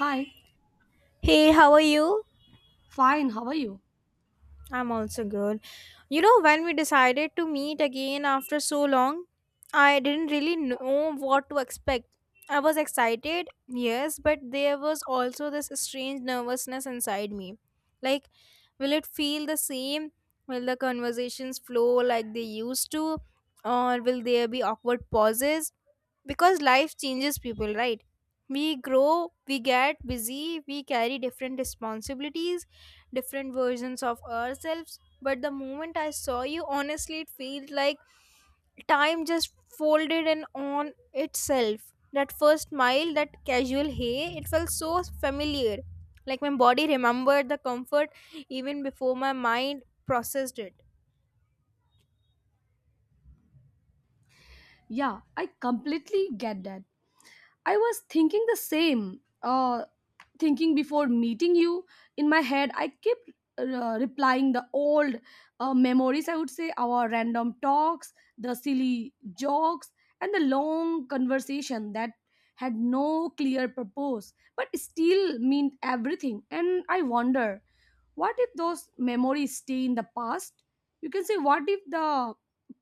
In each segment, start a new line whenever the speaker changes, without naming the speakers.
Hi,
Hey, how are you?
fine, how are you?
I'm also good. You know, when we decided to meet again after so long, I didn't really know what to expect. I was excited, yes, but there was also this strange nervousness inside me. Like, will it feel the same? Will the conversations flow like they used to? Or will there be awkward pauses? Because life changes people, right? We grow, we get busy, we carry different responsibilities different versions of ourselves. But the moment I saw you, honestly, it felt like time just folded in on itself. That first smile, that casual hey, it felt so familiar. Like my body remembered the comfort even before my mind processed it.
Yeah, I completely get that. I was thinking the same, thinking before meeting you. In my head, I kept replying the old memories, I would say, our random talks, the silly jokes, and the long conversation that had no clear purpose but still meant everything. And I wonder what if those memories stay in the past, you can say, what if the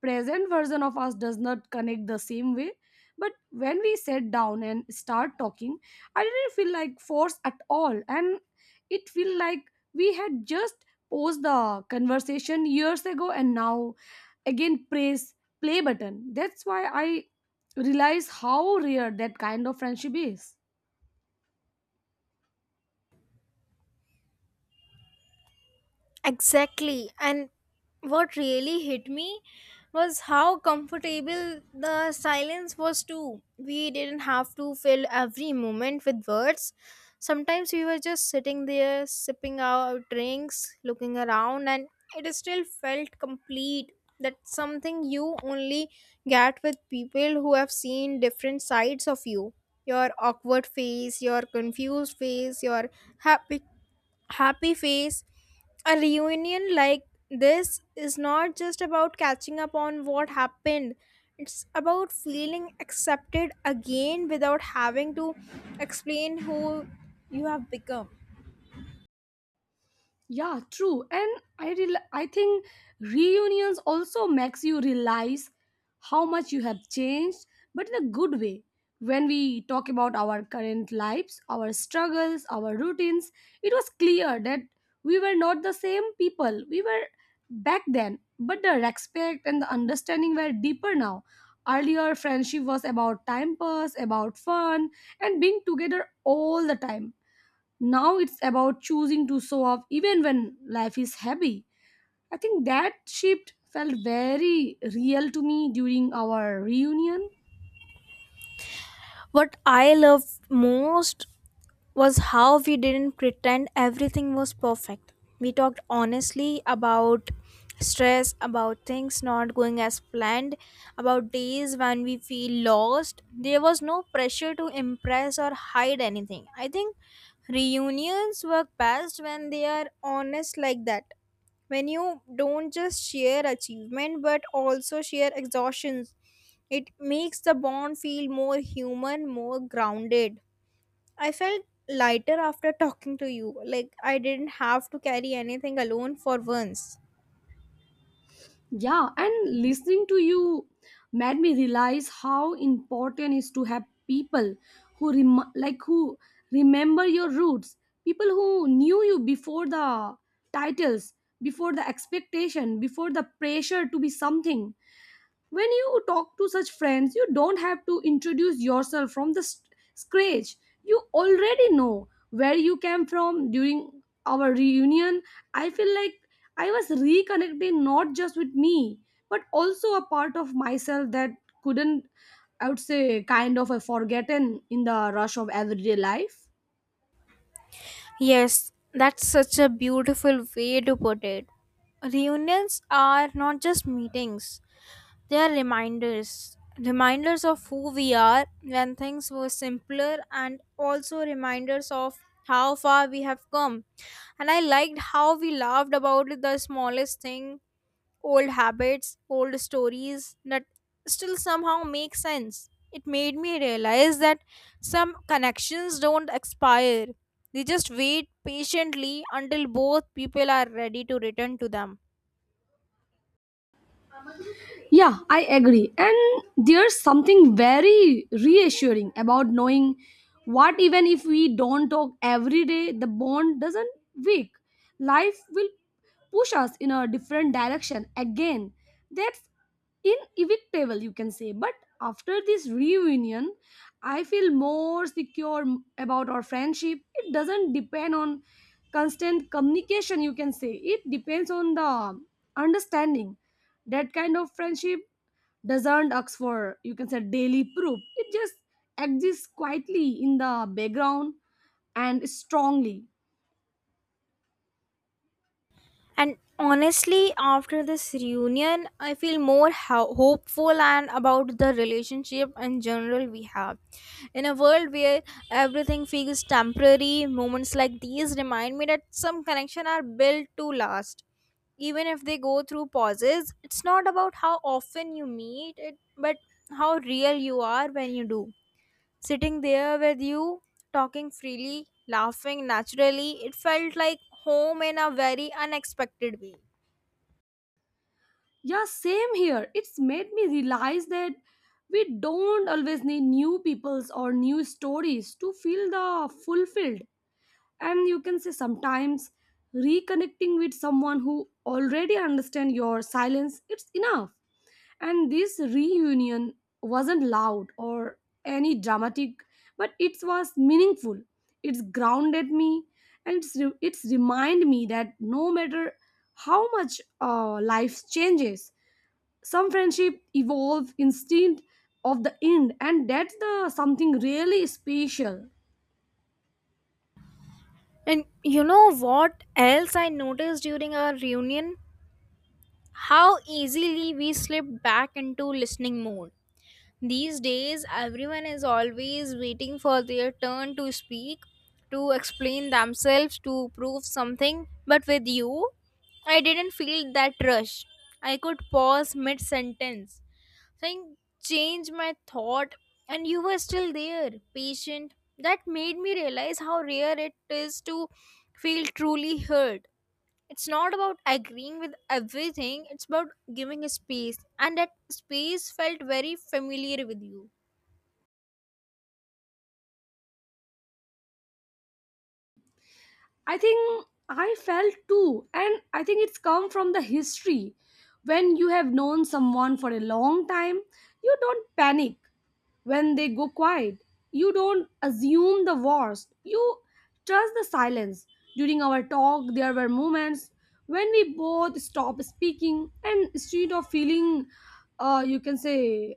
present version of us does not connect the same way. But when we sat down and start talking, I didn't feel like force at all, and it feel like we had just paused the conversation years ago, and now again press play button. That's why I realize how rare that kind of friendship is.
Exactly. And what really hit me was how comfortable the silence was, too. We didn't have to fill every moment with words. Sometimes we were just sitting there, sipping our drinks, looking around, and it still felt complete. That's something you only get with people who have seen different sides of you your awkward face, your confused face, your happy happy face. A reunion like this is not just about catching up on what happened, it's about feeling accepted again without having to explain who you have become.
Yeah, true. And I think reunions also makes you realize how much you have changed, but in a good way. When we talk about our current lives, our struggles, our routines, it was clear that we were not the same people we were back then, but the respect and the understanding were deeper now. Earlier, friendship was about time pass, about fun, and being together all the time. Now it's about choosing to show up even when life is heavy. I think that shift felt very real to me during our reunion.
What I loved most was how we didn't pretend everything was perfect. We talked honestly about stress, about things not going as planned, about days when we feel lost. There was no pressure to impress or hide anything. I think reunions work best when they are honest like that. When you don't just share achievement but also share exhaustions it makes the bond feel more human, more grounded. I felt lighter after talking to you. Like I didn't have to carry anything alone for once.
Yeah, and listening to you made me realize how important is to have people like who remember your roots, people who knew you before the titles, before the expectation, before the pressure to be something. When you talk to such friends, you don't have to introduce yourself from the scratch. You already know where you came from. During our reunion, I feel like I was reconnecting not just with me, but also a part of myself that couldn't, I would say, kind of a forgotten in the rush of everyday life.
Yes, that's such a beautiful way to put it. Reunions are not just meetings, they are reminders. Reminders of who we are when things were simpler, and also reminders of how far we have come. And I liked how we laughed about the smallest thing. Old habits, old stories that still somehow make sense. It made me realize that some connections don't expire, they just wait patiently until both people are ready to return to them.
Yeah, I agree. And there's something very reassuring about knowing what, even if we don't talk every day, the bond doesn't weak. Life will push us in a different direction again. That's inevitable, you can say. But after this reunion, I feel more secure about our friendship. It doesn't depend on constant communication, you can say. It depends on the understanding that kind of friendship doesn't ask for, you can say, daily proof. It just exists quietly in the background and strongly.
And honestly, after this reunion, I feel more hopeful and about the relationship in general we have. In a world where everything feels temporary, moments like these remind me that some connections are built to last. Even if they go through pauses, it's not about how often you meet it, but how real you are when you do. Sitting there with you, talking freely, laughing naturally, it felt like home in a very unexpected way.
Yeah, same here. It's made me realize that we don't always need new peoples or new stories to feel the fulfilled. And you can say sometimes reconnecting with someone who already understands your silence, it's enough. And this reunion wasn't loud or any dramatic, but it was meaningful. It's grounded me, and it's remind me that no matter how much life changes, some friendship evolve instinct of the end, and that's the something really special.
And you know what else I noticed during our reunion? How easily we slipped back into listening mode. These days, everyone is always waiting for their turn to speak, to explain themselves, to prove something. But with you, I didn't feel that rush. I could pause mid sentence thing changed my thought and you were still there patient that made me realize how rare it is to feel truly heard. It's not about agreeing with everything, it's about giving a space, and that space felt very familiar with you.
I think I felt too, and I think it's come from the history. When you have known someone for a long time, you don't panic when they go quiet. You don't assume the worst. You trust the silence. During our talk, there were moments when we both stopped speaking, and instead of feeling, you can say,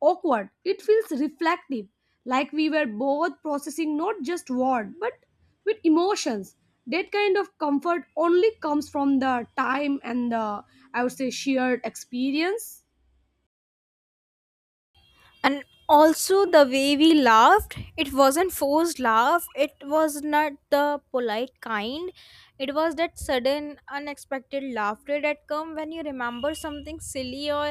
awkward. It feels reflective, like we were both processing not just word but with emotions. That kind of comfort only comes from the time and the, I would say, shared experience.
And also the way we laughed, it wasn't forced laugh, it was not the polite kind. It was that sudden, unexpected laughter that comes when you remember something silly or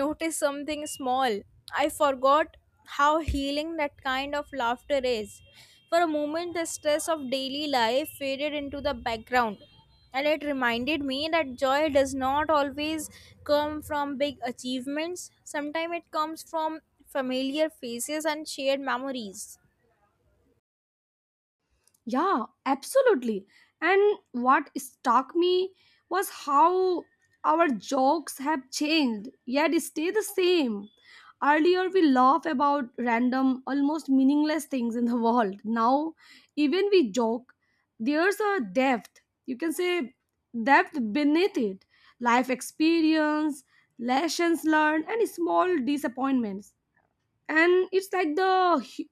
notice something small. I forgot how healing that kind of laughter is. For a moment, the stress of daily life faded into the background, and it reminded me that joy does not always come from big achievements. Sometimes it comes from familiar faces and shared memories.
Yeah, absolutely. And what struck me was how our jokes have changed, yet stay the same. Earlier, we laugh about random, almost meaningless things in the world. Now, even we joke, there's a depth, you can say depth beneath it. Life experience, lessons learned, and small disappointments, and it's like the hu-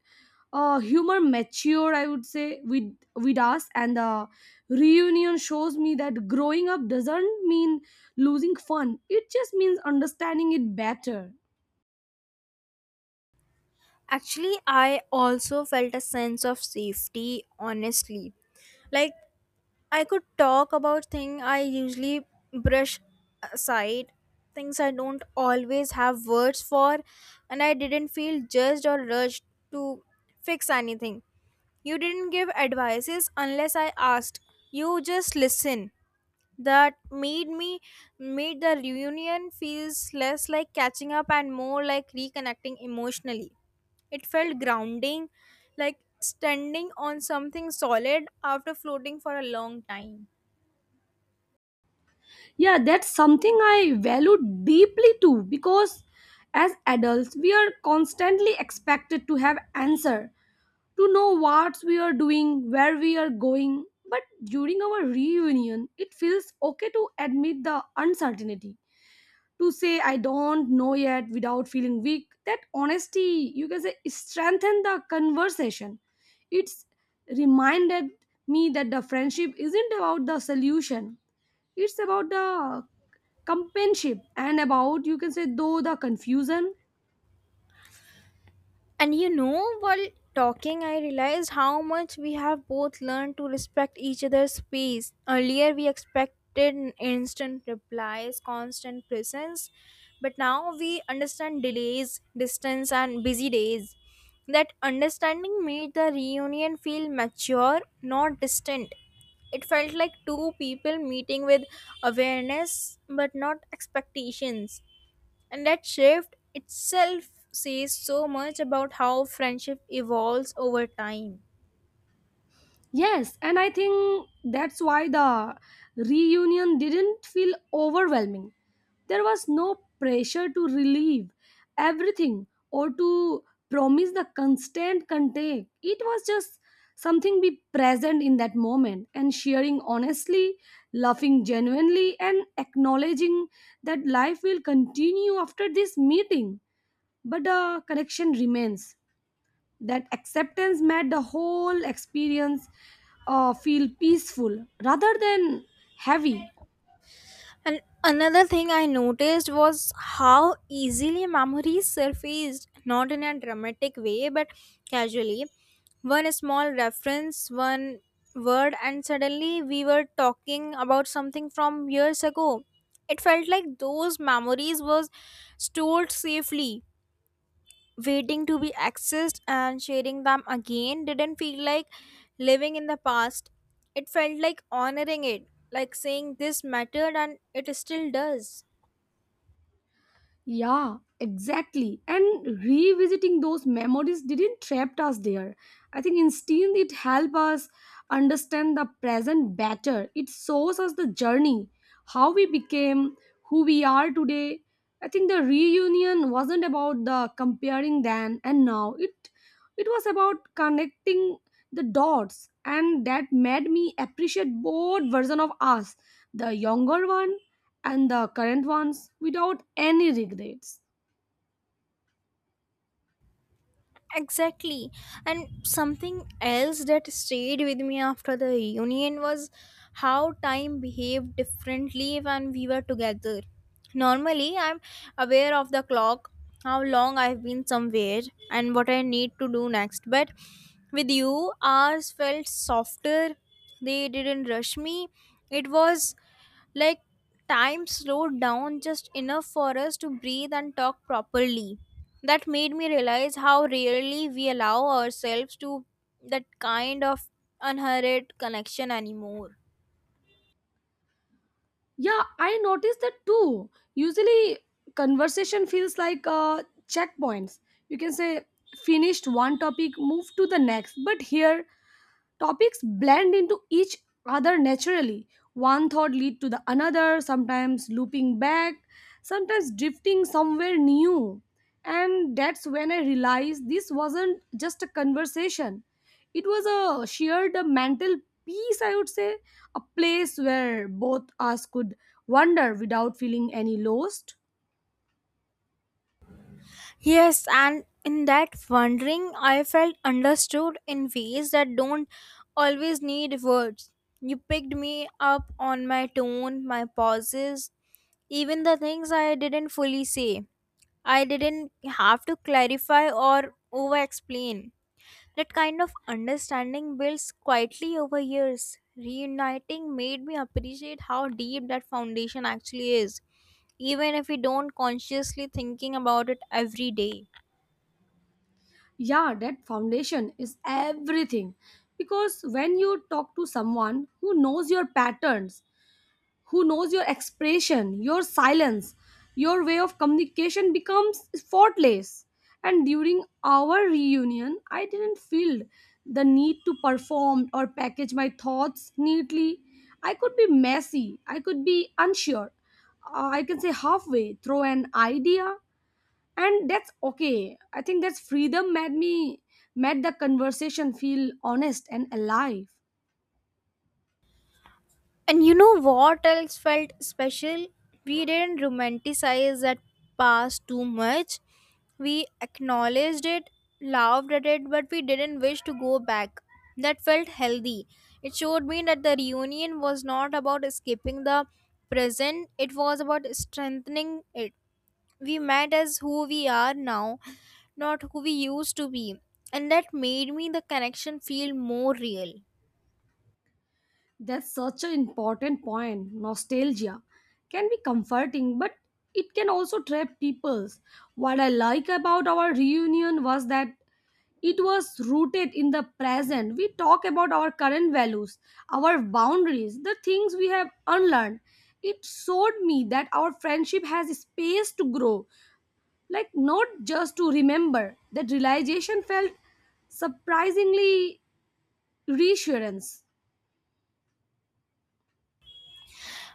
uh, humor mature, I would say, with us, and the reunion shows me that growing up doesn't mean losing fun, it just means understanding it better.
Actually, I also felt a sense of safety, honestly. Like, I could talk about things I usually brush aside, things I don't always have words for, and I didn't feel judged or rushed to fix anything. You didn't give advices unless I asked. You just listen that made me made the reunion feels less like catching up and more like reconnecting emotionally. It felt grounding, like standing on something solid after floating for a long time.
Yeah, that's something I value deeply too, because as adults, we are constantly expected to have answer, to know what we are doing, where we are going. But during our reunion, it feels okay to admit the uncertainty, to say I don't know yet without feeling weak. That honesty, you can say, strengthen the conversation. It's reminded me that the friendship isn't about the solution, it's about the companionship, and about, you can say, though the confusion.
And you know, while talking, I realized how much we have both learned to respect each other's space. Earlier, we expected instant replies, constant presence, but now we understand delays, distance, and busy days. That understanding made the reunion feel mature, not distant. It felt like two people meeting with awareness but not expectations. And that shift itself says so much about how friendship evolves over time.
Yes, and I think that's why the reunion didn't feel overwhelming. There was no pressure to relieve everything or to promise the constant contact. It was just something be present in that moment and sharing honestly, laughing genuinely, and acknowledging that life will continue after this meeting. But the connection remains. That acceptance made the whole experience feel peaceful rather than heavy.
And another thing I noticed was how easily memories surfaced, not in a dramatic way, but casually. One small reference, one word, and suddenly we were talking about something from years ago. It felt like those memories was stored safely waiting to be accessed and sharing them again didn't feel like living in the past. It felt like honoring it, like saying this mattered and it still does.
Yeah, exactly. And revisiting those memories didn't trap us there. I think instead it helped us understand the present better. It shows us the journey, how we became who we are today. I think the reunion wasn't about the comparing then and now. It was about connecting the dots, and that made me appreciate both version of us. The younger one and the current ones without any regrets.
Exactly. And something else that stayed with me after the reunion was how time behaved differently when we were together. Normally, I'm aware of the clock, how long I've been somewhere, and what I need to do next. But with you, ours felt softer. They didn't rush me. It was like, time slowed down just enough for us to breathe and talk properly. That made me realize how rarely we allow ourselves to that kind of unhurried connection anymore.
Yeah, I noticed that too. Usually, conversation feels like checkpoints. You can say, finished one topic, move to the next. But here, topics blend into each other naturally, one thought lead to the another, sometimes looping back, sometimes drifting somewhere new. And that's when I realized this wasn't just a conversation, it was a shared mental peace, I would say, a place where both us could wander without feeling any lost.
Yes, and in that wondering, I felt understood in ways that don't always need words. You picked me up on my tone, my pauses, even the things I didn't fully say. I didn't have to clarify or over explain. That kind of understanding builds quietly over years. Reuniting made me appreciate how deep that foundation actually is, even if we don't consciously thinking about it every day.
Yeah, that foundation is everything, because when you talk to someone who knows your patterns, who knows your expression, your silence, your way of communication becomes faultless. And during our reunion, I didn't feel the need to perform or package my thoughts neatly. I could be messy, I could be unsure, I can say halfway through an idea, and that's okay. I think that's freedom made me made the conversation feel honest and alive.
And you know what else felt special? We didn't romanticize that past too much. We acknowledged it, laughed at it, but we didn't wish to go back. That felt healthy. It showed me that the reunion was not about escaping the present, it was about strengthening it. We met as who we are now, not who we used to be. And that made me the connection feel more real.
That's such an important point. Nostalgia can be comforting, but it can also trap people. What I like about our reunion was that it was rooted in the present. We talk about our current values, our boundaries, the things we have unlearned. It showed me that our friendship has space to grow, like not just to remember. That realization felt surprisingly reassurance.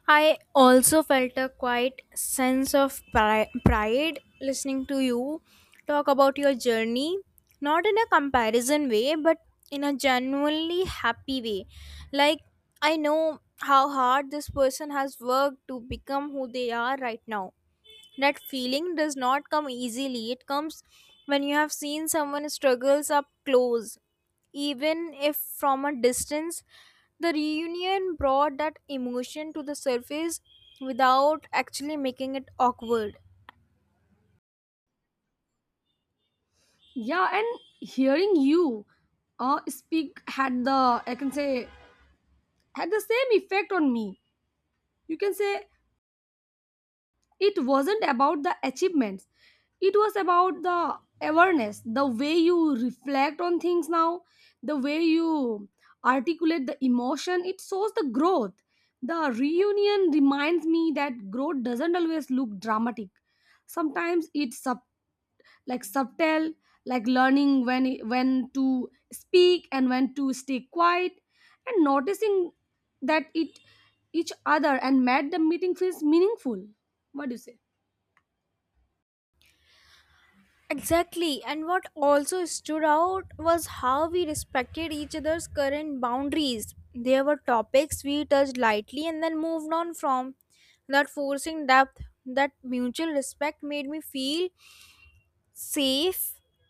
I also felt a quiet sense of pride listening to you talk about your journey, not in a comparison way, but in a genuinely happy way. Like, I know how hard this person has worked to become who they are right now. That feeling does not come easily. It comes when you have seen someone struggles up close. Even if from a distance, the reunion brought that emotion to the surface without actually making it awkward.
Yeah, and hearing you speak had the, I can say, had the same effect on me. You can say it wasn't about the achievements. It was about the awareness, the way you reflect on things now, the way you articulate the emotion. It shows the growth. The reunion reminds me that growth doesn't always look dramatic. Sometimes it's subtle, like subtle, like learning when to speak and when to stay quiet, and noticing that it each other, and made the meeting feels meaningful. What do you say?
Exactly, and what also stood out was how we respected each other's current boundaries. There were topics we touched lightly and then moved on from. That forcing depth, that mutual respect made me feel safe.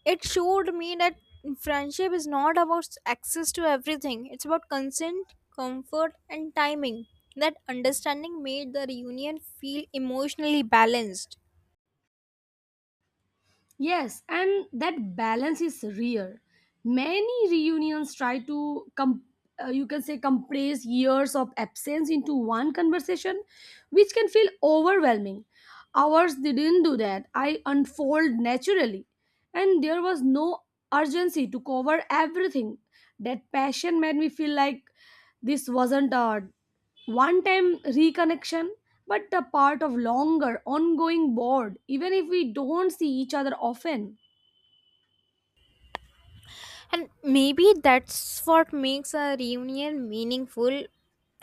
It showed me that friendship is not about access to everything, it's about consent, comfort and timing. That understanding made the reunion feel emotionally balanced.
Yes, and that balance is rare. Many reunions try to you can say compress years of absence into one conversation, which can feel overwhelming. Ours didn't do that. I unfold naturally, and there was no urgency to cover everything. That passion made me feel like this wasn't art one time reconnection, but a part of longer ongoing board, even if we don't see each other often.
And maybe that's what makes a reunion meaningful,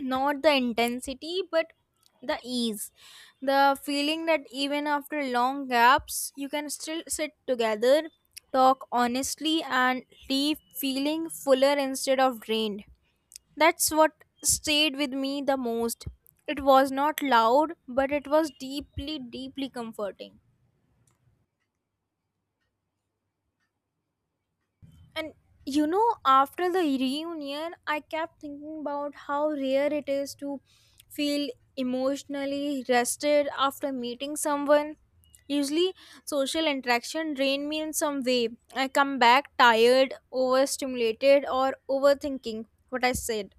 not the intensity, but the ease. The feeling that even after long gaps, you can still sit together, talk honestly, and leave feeling fuller instead of drained. That's what stayed with me the most. It was not loud, but it was deeply, deeply comforting. And you know, after the reunion, I kept thinking about how rare it is to feel emotionally rested after meeting someone. Usually, social interaction drain me in some way. I come back tired, overstimulated, or overthinking what I said.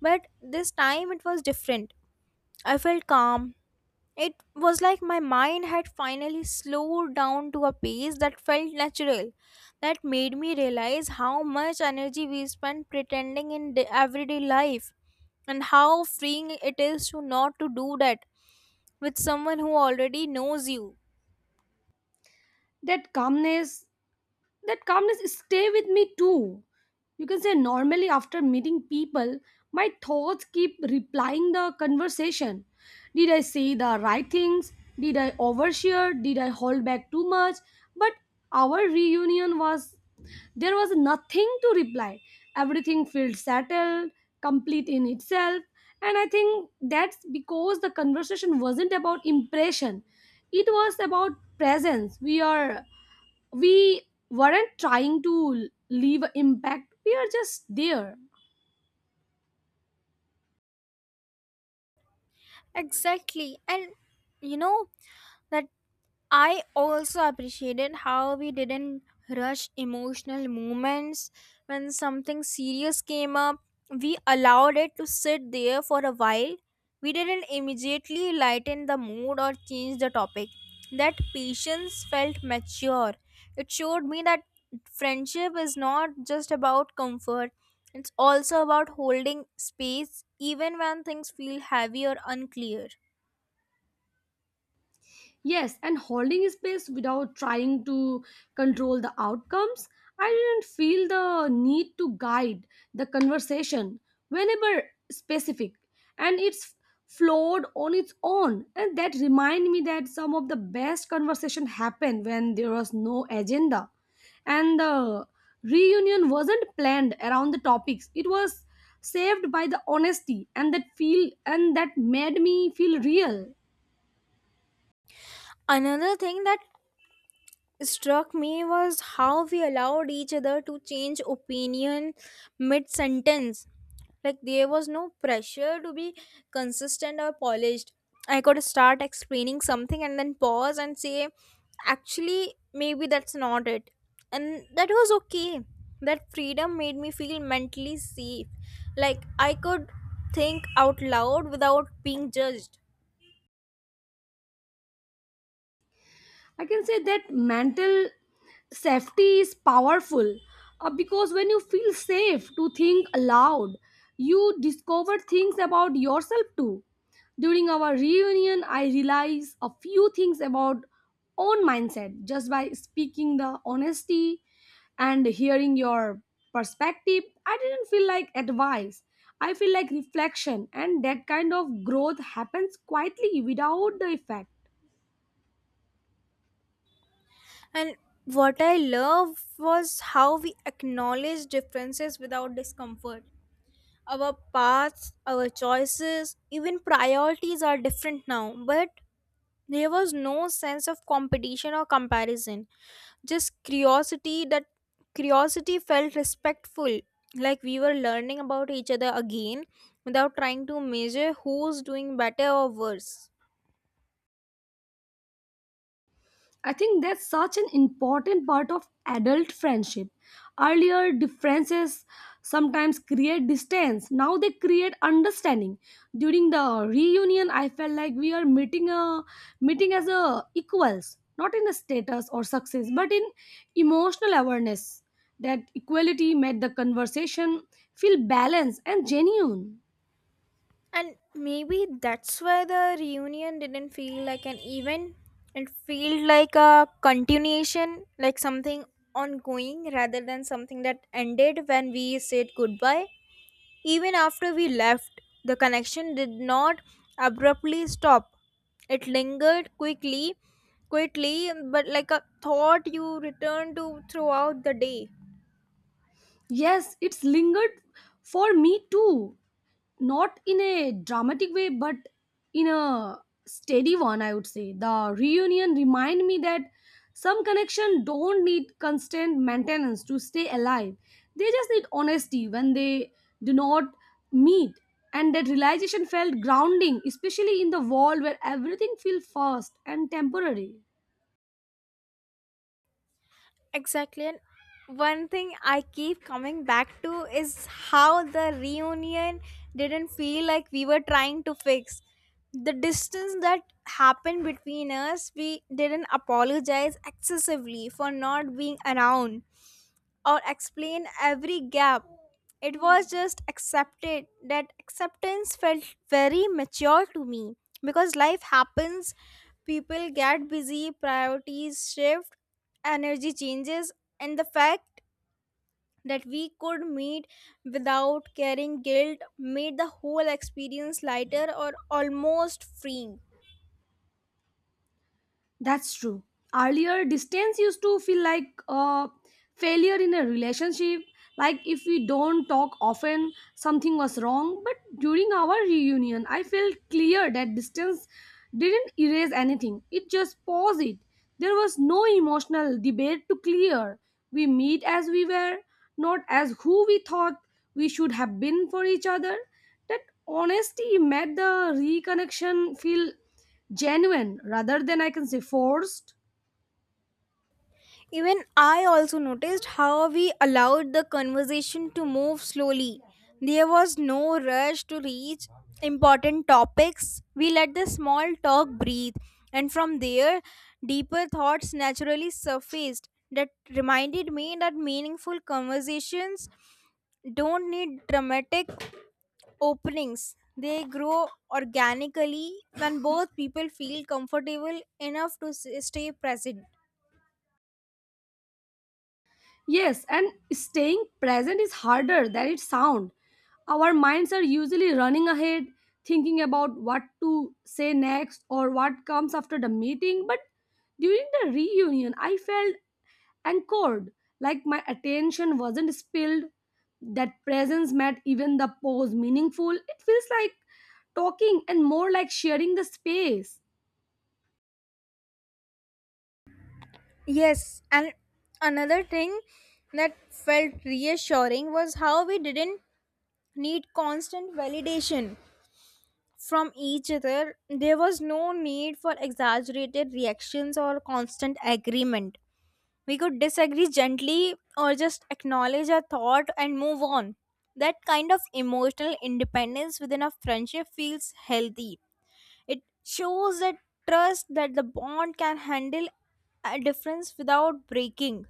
But this time it was different. I felt calm, it was like my mind had finally slowed down to a pace that felt natural, that made me realize how much energy we spend pretending in everyday life and how freeing it is to not to do that with someone who already knows you.
That calmness that calmness stay with me too, you can say. Normally, after meeting people, my thoughts keep replying the conversation. Did I say the right things? Did I overshare? Did I hold back too much? But our reunion was there was nothing to reply, everything felt settled, complete in itself. And I think that's because the conversation wasn't about impression, it was about presence. We weren't trying to leave an impact, we are just there.
Exactly. And you know, that I also appreciated how we didn't rush emotional moments. When something serious came up, we allowed it to sit there for a while. We didn't immediately lighten the mood or change the topic. That patience felt mature. It showed me that friendship is not just about comfort, it's also about holding space even when things feel heavy or unclear.
Yes, and holding space without trying to control the outcomes. I didn't feel the need to guide the conversation whenever specific, and it's flowed on its own. And that remind me that some of the best conversation happen when there was no agenda, and the reunion wasn't planned around the topics. It was saved by the honesty, and that feel and that made me feel real.
Another thing that struck me was how we allowed each other to change opinion mid sentence. Like there was no pressure to be consistent or polished. I could start explaining something and then pause and say, actually, maybe that's not it. And that was okay. That freedom made me feel mentally safe. Like I could think out loud without being judged.
I can say that mental safety is powerful, because when you feel safe to think aloud, you discover things about yourself too. During our reunion, I realized a few things about own mindset just by speaking the honesty and hearing your perspective. I didn't feel like advice. I feel like reflection, and that kind of growth happens quietly without the effect.
And what I love was how we acknowledge differences without discomfort. Our paths, our choices, even priorities are different now, but there was no sense of competition or comparison. Just curiosity that curiosity felt respectful, like we were learning about each other again without trying to measure who's doing better or worse.
I think that's such an important part of adult friendship. Earlier, differences sometimes create distance. Now they create understanding. During the reunion, I felt like we are meeting a meeting as a equals, not in the status or success, but in emotional awareness. That equality made the conversation feel balanced and genuine.
And maybe that's why the reunion didn't feel like an event. It felt like a continuation, like something ongoing rather than something that ended when we said goodbye. Even after we left, the connection did not abruptly stop. It lingered quickly, but like a thought you return to throughout the day.
Yes, it's lingered for me too, not in a dramatic way, but in a steady one, I would say. The reunion remind me that some connection don't need constant maintenance to stay alive, they just need honesty when they do not meet, and that realization felt grounding, especially in the world where everything feels fast and temporary.
Exactly. And one thing I keep coming back to is how the reunion didn't feel like we were trying to fix. The distance that happened between us, we didn't apologize excessively for not being around or explain every gap. It was just accepted. That acceptance felt very mature to me because life happens, people get busy, priorities shift, energy changes, and the fact that we could meet without carrying guilt made the whole experience lighter or almost freeing.
That's true. Earlier, distance used to feel like a failure in a relationship. Like if we don't talk often, something was wrong. But during our reunion, I felt clear that distance didn't erase anything, it just paused it. There was no emotional debate to clear. We meet as we were, not as who we thought we should have been for each other. That honesty made the reconnection feel genuine rather than, I can say, forced.
Even I also noticed how we allowed the conversation to move slowly. There was no rush to reach important topics. We let the small talk breathe, and from there, deeper thoughts naturally surfaced. That reminded me that meaningful conversations don't need dramatic openings. They grow organically when both people feel comfortable enough to stay present.
Yes, and staying present is harder than it sounds. Our minds are usually running ahead, thinking about what to say next or what comes after the meeting. But during the reunion, I felt anchored, like my attention wasn't spilled. That presence made even the pause meaningful, it feels like talking and more like sharing the space.
Yes, and another thing that felt reassuring was how we didn't need constant validation from each other. There was no need for exaggerated reactions or constant agreement. We could disagree gently or just acknowledge our thought and move on. That kind of emotional independence within a friendship feels healthy. It shows that trust that the bond can handle a difference without breaking.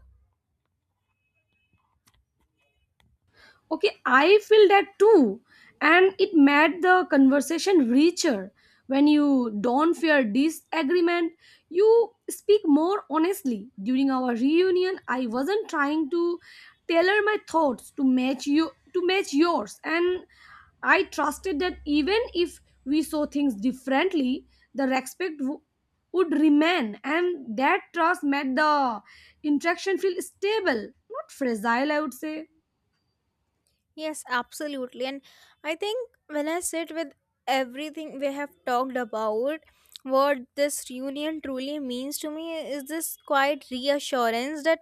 Okay, I feel that too. And it made the conversation richer. When you don't fear disagreement, you speak more honestly. During our reunion, I wasn't trying to tailor my thoughts to match yours. And I trusted that even if we saw things differently, the respect would remain, and that trust made the interaction feel stable, not fragile. I would say.
Yes, absolutely. And I think when I sit with everything we have talked about, what this reunion truly means to me is this quiet reassurance that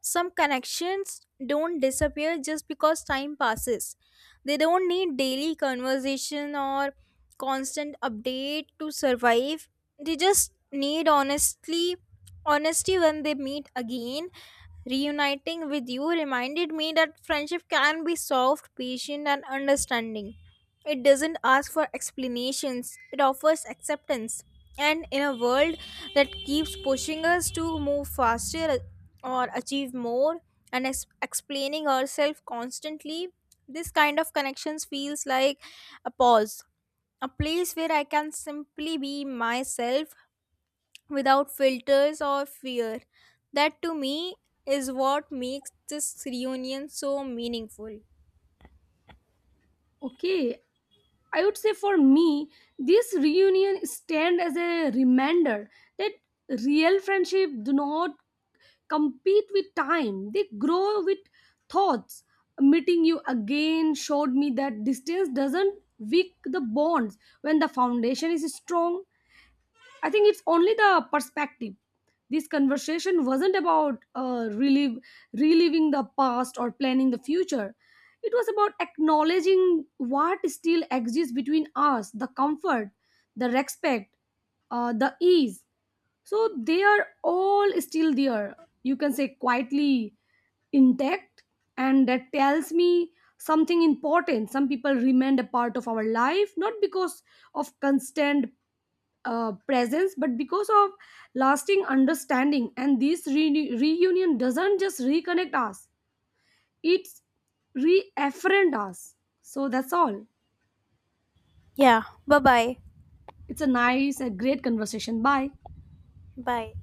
some connections don't disappear just because time passes. They don't need daily conversation or constant update to survive. They just need honestly honesty when they meet again. Reuniting with you reminded me that friendship can be soft, patient, and understanding. It doesn't ask for explanations, it offers acceptance. And in a world that keeps pushing us to move faster or achieve more and explaining ourselves constantly, this kind of connections feels like a pause, a place where I can simply be myself without filters or fear. That to me is what makes this reunion so meaningful.
Okay, I would say for me, this reunion stand as a reminder that real friendship do not compete with time. They grow with thoughts. Meeting you again showed me that distance doesn't weak the bonds when the foundation is strong. I think it's only the perspective. This conversation wasn't about reliving the past or planning the future. It was about acknowledging what still exists between us, the comfort, the respect, the ease. So they are all still there. You can say quietly intact, and that tells me something important. Some people remained a part of our life, not because of constant presence, but because of lasting understanding. And this reunion doesn't just reconnect us, it's reafferent us. So that's all.
Yeah. Bye bye.
It's a nice a great conversation. Bye.
Bye.